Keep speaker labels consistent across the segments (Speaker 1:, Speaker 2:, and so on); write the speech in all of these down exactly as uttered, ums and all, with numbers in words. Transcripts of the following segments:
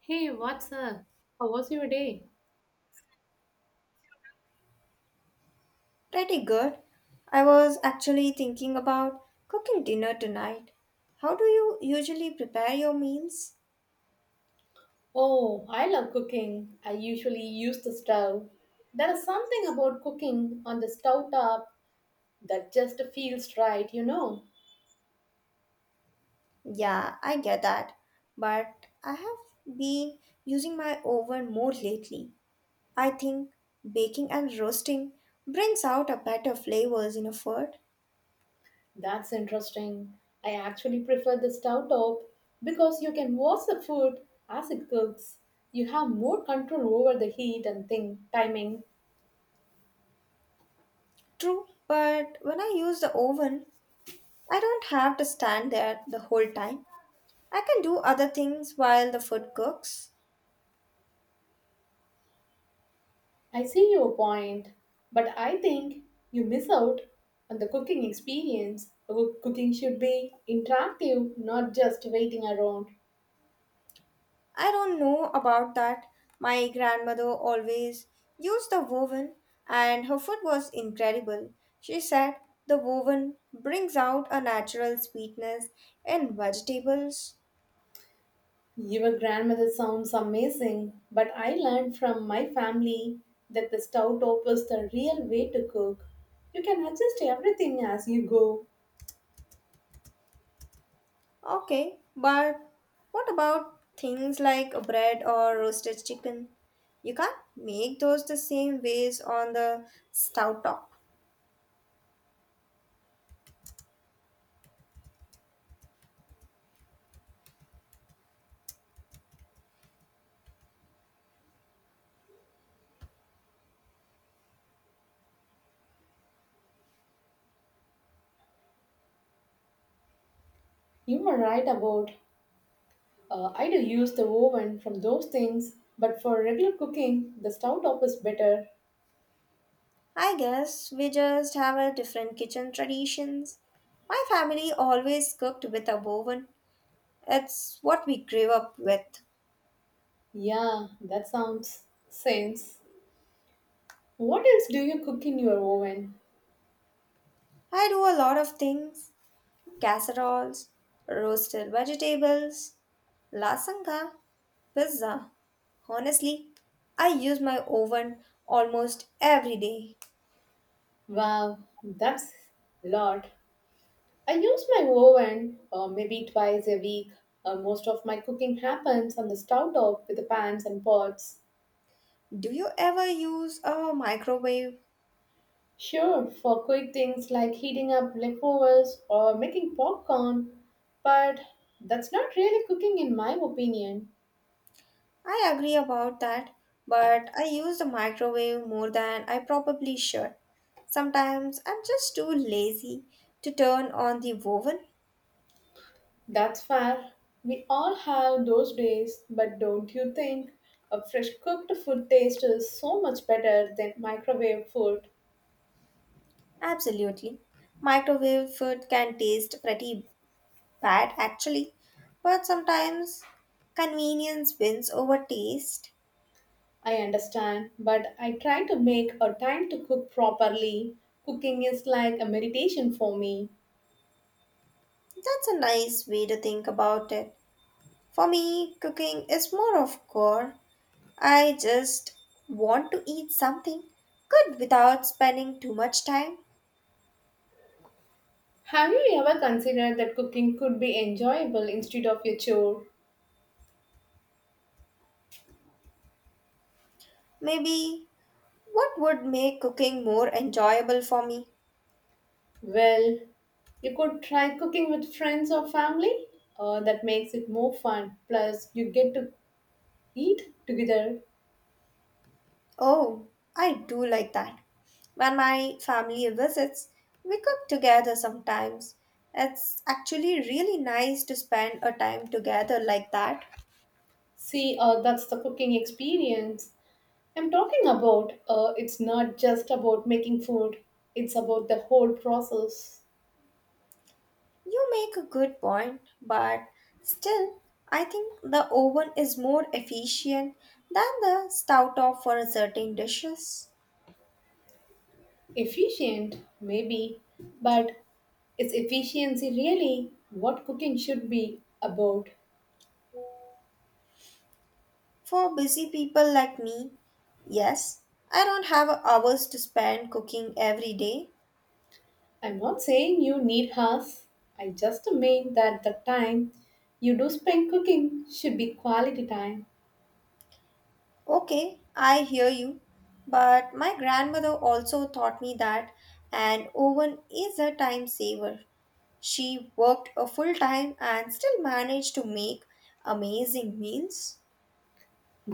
Speaker 1: Hey, what's up? How was your day?
Speaker 2: Pretty good. I was actually thinking about cooking dinner tonight. How do you usually prepare your meals?
Speaker 1: Oh, I love cooking. I usually use the stove. There is something about cooking on the stove top that just feels right, you know.
Speaker 2: Yeah, I get that. But I have been using my oven more lately. I think baking and roasting brings out a better flavors in a food.
Speaker 1: That's interesting. I actually prefer the stove top because you can watch the food as it cooks. You have more control over the heat and thing timing.
Speaker 2: True, but when I use the oven, I don't have to stand there the whole time. I can do other things while the food cooks.
Speaker 1: I see your point, but I think you miss out on the cooking experience. Coo- Cooking should be interactive, not just waiting around.
Speaker 2: I don't know about that. My grandmother always used the woven, and her food was incredible. She said the woven brings out a natural sweetness in vegetables.
Speaker 1: Your grandmother sounds amazing, but I learned from my family that the stove top is the real way to cook. You can adjust everything as you go.
Speaker 2: Okay, but what about things like bread or roasted chicken? You can't make those the same ways on the stout top.
Speaker 1: You were right about uh, I do use the oven from those things, but for regular cooking, the stove top is better.
Speaker 2: I guess we just have a different kitchen traditions. My family always cooked with a woven. It's what we grew up with.
Speaker 1: Yeah, that sounds sense. What else do you cook in your oven?
Speaker 2: I do a lot of things: casseroles, roasted vegetables, lasagna, pizza. Honestly, I use my oven almost every day.
Speaker 1: Wow, that's a lot. I use my oven uh, maybe twice a week. Uh, most of my cooking happens on the stove top with the pans and pots.
Speaker 2: Do you ever use a microwave?
Speaker 1: Sure, for quick things like heating up leftovers or making popcorn, but that's not really cooking in my opinion.
Speaker 2: I agree about that, but I use the microwave more than I probably should. Sometimes I'm just too lazy to turn on the oven.
Speaker 1: That's fair. We all have those days, but don't you think a fresh cooked food taste is so much better than microwave food?
Speaker 2: Absolutely. Microwave food can taste pretty bad actually, but sometimes convenience wins over taste.
Speaker 1: I understand, but I try to make a time to cook properly. Cooking is like a meditation for me.
Speaker 2: That's a nice way to think about it. For me, cooking is more of core. I just want to eat something good without spending too much time.
Speaker 1: Have you ever considered that cooking could be enjoyable instead of your chore?
Speaker 2: Maybe what would make cooking more enjoyable for me?
Speaker 1: Well, you could try cooking with friends or family. Uh, that makes it more fun. Plus, you get to eat together.
Speaker 2: Oh, I do like that. When my family visits, we cook together sometimes. It's actually really nice to spend a time together like that.
Speaker 1: See, uh, that's the cooking experience. I'm talking about uh, it's not just about making food, it's about the whole process.
Speaker 2: You make a good point, but still, I think the oven is more efficient than the stovetop for certain dishes.
Speaker 1: Efficient, maybe, but is efficiency really what cooking should be about?
Speaker 2: For busy people like me, yes, I don't have hours to spend cooking every day.
Speaker 1: I'm not saying you need hours. I just mean that the time you do spend cooking should be quality time.
Speaker 2: Okay, I hear you. But my grandmother also taught me that an oven is a time saver. She worked a full time and still managed to make amazing meals.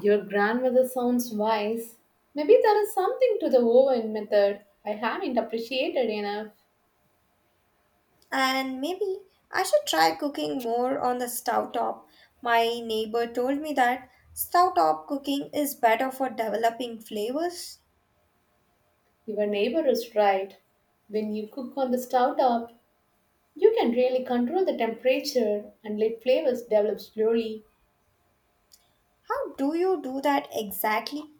Speaker 1: Your grandmother sounds wise. Maybe there is something to the oven method I haven't appreciated enough.
Speaker 2: And maybe I should try cooking more on the stove top. My neighbor told me that stove top cooking is better for developing flavors.
Speaker 1: Your neighbor is right. When you cook on the stove top, you can really control the temperature and let flavors develop slowly.
Speaker 2: How do you do that exactly?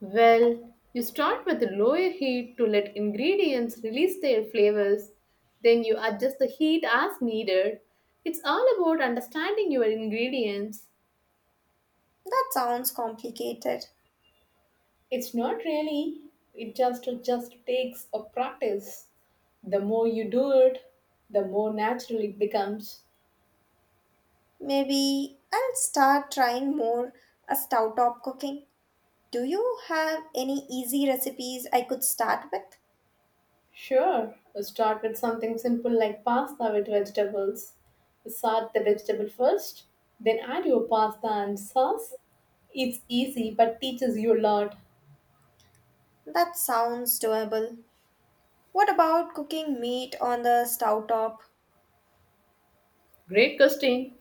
Speaker 1: Well, you start with a lower heat to let ingredients release their flavors. Then you adjust the heat as needed. It's all about understanding your ingredients.
Speaker 2: That sounds complicated.
Speaker 1: It's not really, it just just takes a practice. The more you do it, the more natural it becomes.
Speaker 2: Maybe I'll start trying more a stovetop cooking. Do you have any easy recipes I could start with?
Speaker 1: Sure, start with something simple like pasta with vegetables. Salt the vegetable first, then add your pasta and sauce. It's easy but teaches you a lot.
Speaker 2: That sounds doable. What about cooking meat on the stovetop?
Speaker 1: Great, Christine.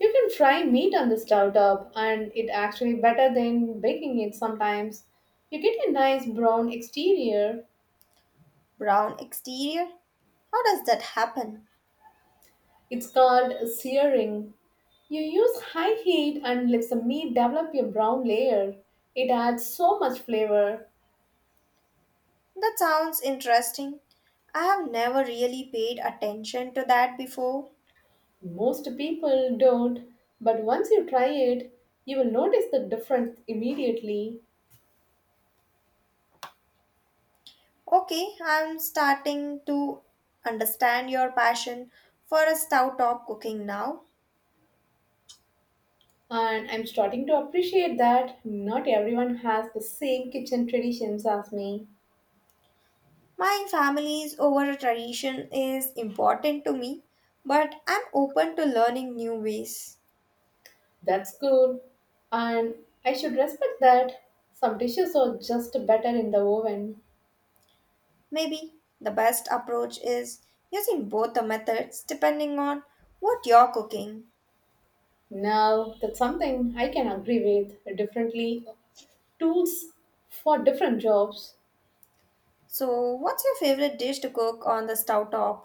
Speaker 1: You can fry meat on the stove top and it actually better than baking it sometimes. You get a nice brown exterior.
Speaker 2: Brown exterior? How does that happen?
Speaker 1: It's called searing. You use high heat and let the meat develop a brown layer. It adds so much flavor.
Speaker 2: That sounds interesting. I have never really paid attention to that before.
Speaker 1: Most people don't, but once you try it, you will notice the difference immediately.
Speaker 2: Okay, I'm starting to understand your passion for a stovetop cooking now.
Speaker 1: And I'm starting to appreciate that not everyone has the same kitchen traditions as me.
Speaker 2: My family's over tradition is important to me, but I'm open to learning new ways.
Speaker 1: That's cool. And I should respect that. Some dishes are just better in the oven.
Speaker 2: Maybe the best approach is using both the methods depending on what you're cooking.
Speaker 1: Now, that's something I can agree with. Differently, tools for different jobs.
Speaker 2: So, what's your favorite dish to cook on the stovetop?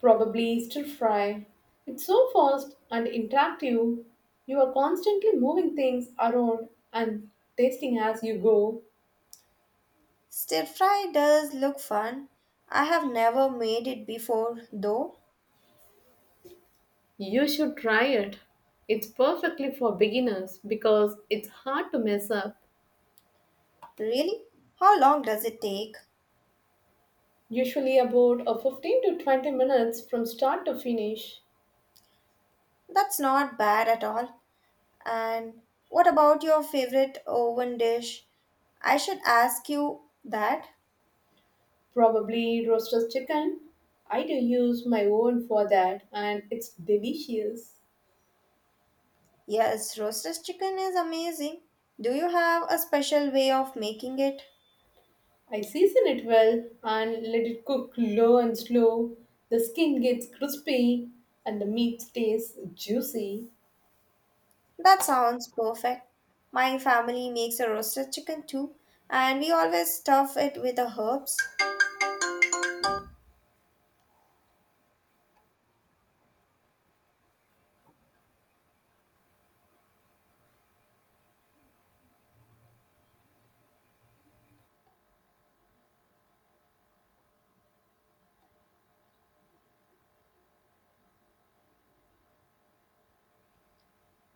Speaker 1: Probably stir fry. It's so fast and interactive. You are constantly moving things around and tasting as you go.
Speaker 2: Stir fry does look fun. I have never made it before though.
Speaker 1: You should try it. It's perfectly for beginners because it's hard to mess up.
Speaker 2: Really? How long does it take?
Speaker 1: Usually about a fifteen to twenty minutes from start to finish.
Speaker 2: That's not bad at all. And what about your favorite oven dish? I should ask you that.
Speaker 1: Probably roasted chicken. I do use my oven for that and it's delicious.
Speaker 2: Yes, roasted chicken is amazing. Do you have a special way of making it?
Speaker 1: I season it well and let it cook low and slow. The skin gets crispy and the meat stays juicy.
Speaker 2: That sounds perfect. My family makes a roasted chicken too, and we always stuff it with the herbs.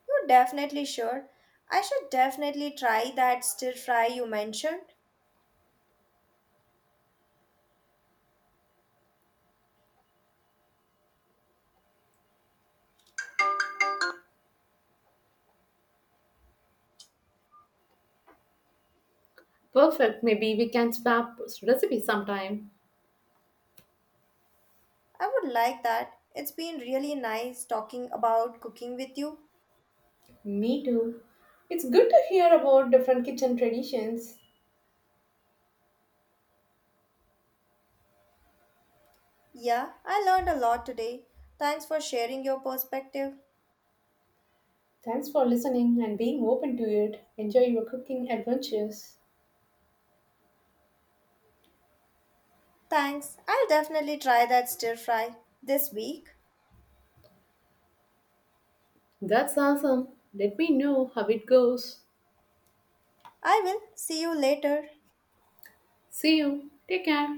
Speaker 2: You definitely should. I should definitely try that stir fry you mentioned.
Speaker 1: Perfect. Maybe we can swap recipe sometime.
Speaker 2: I would like that. It's been really nice talking about cooking with you.
Speaker 1: Me too. It's good to hear about different kitchen traditions.
Speaker 2: Yeah, I learned a lot today. Thanks for sharing your perspective.
Speaker 1: Thanks for listening and being open to it. Enjoy your cooking adventures.
Speaker 2: Thanks. I'll definitely try that stir fry this week.
Speaker 1: That's awesome. Let me know how it goes.
Speaker 2: I will see you later.
Speaker 1: See you. Take care.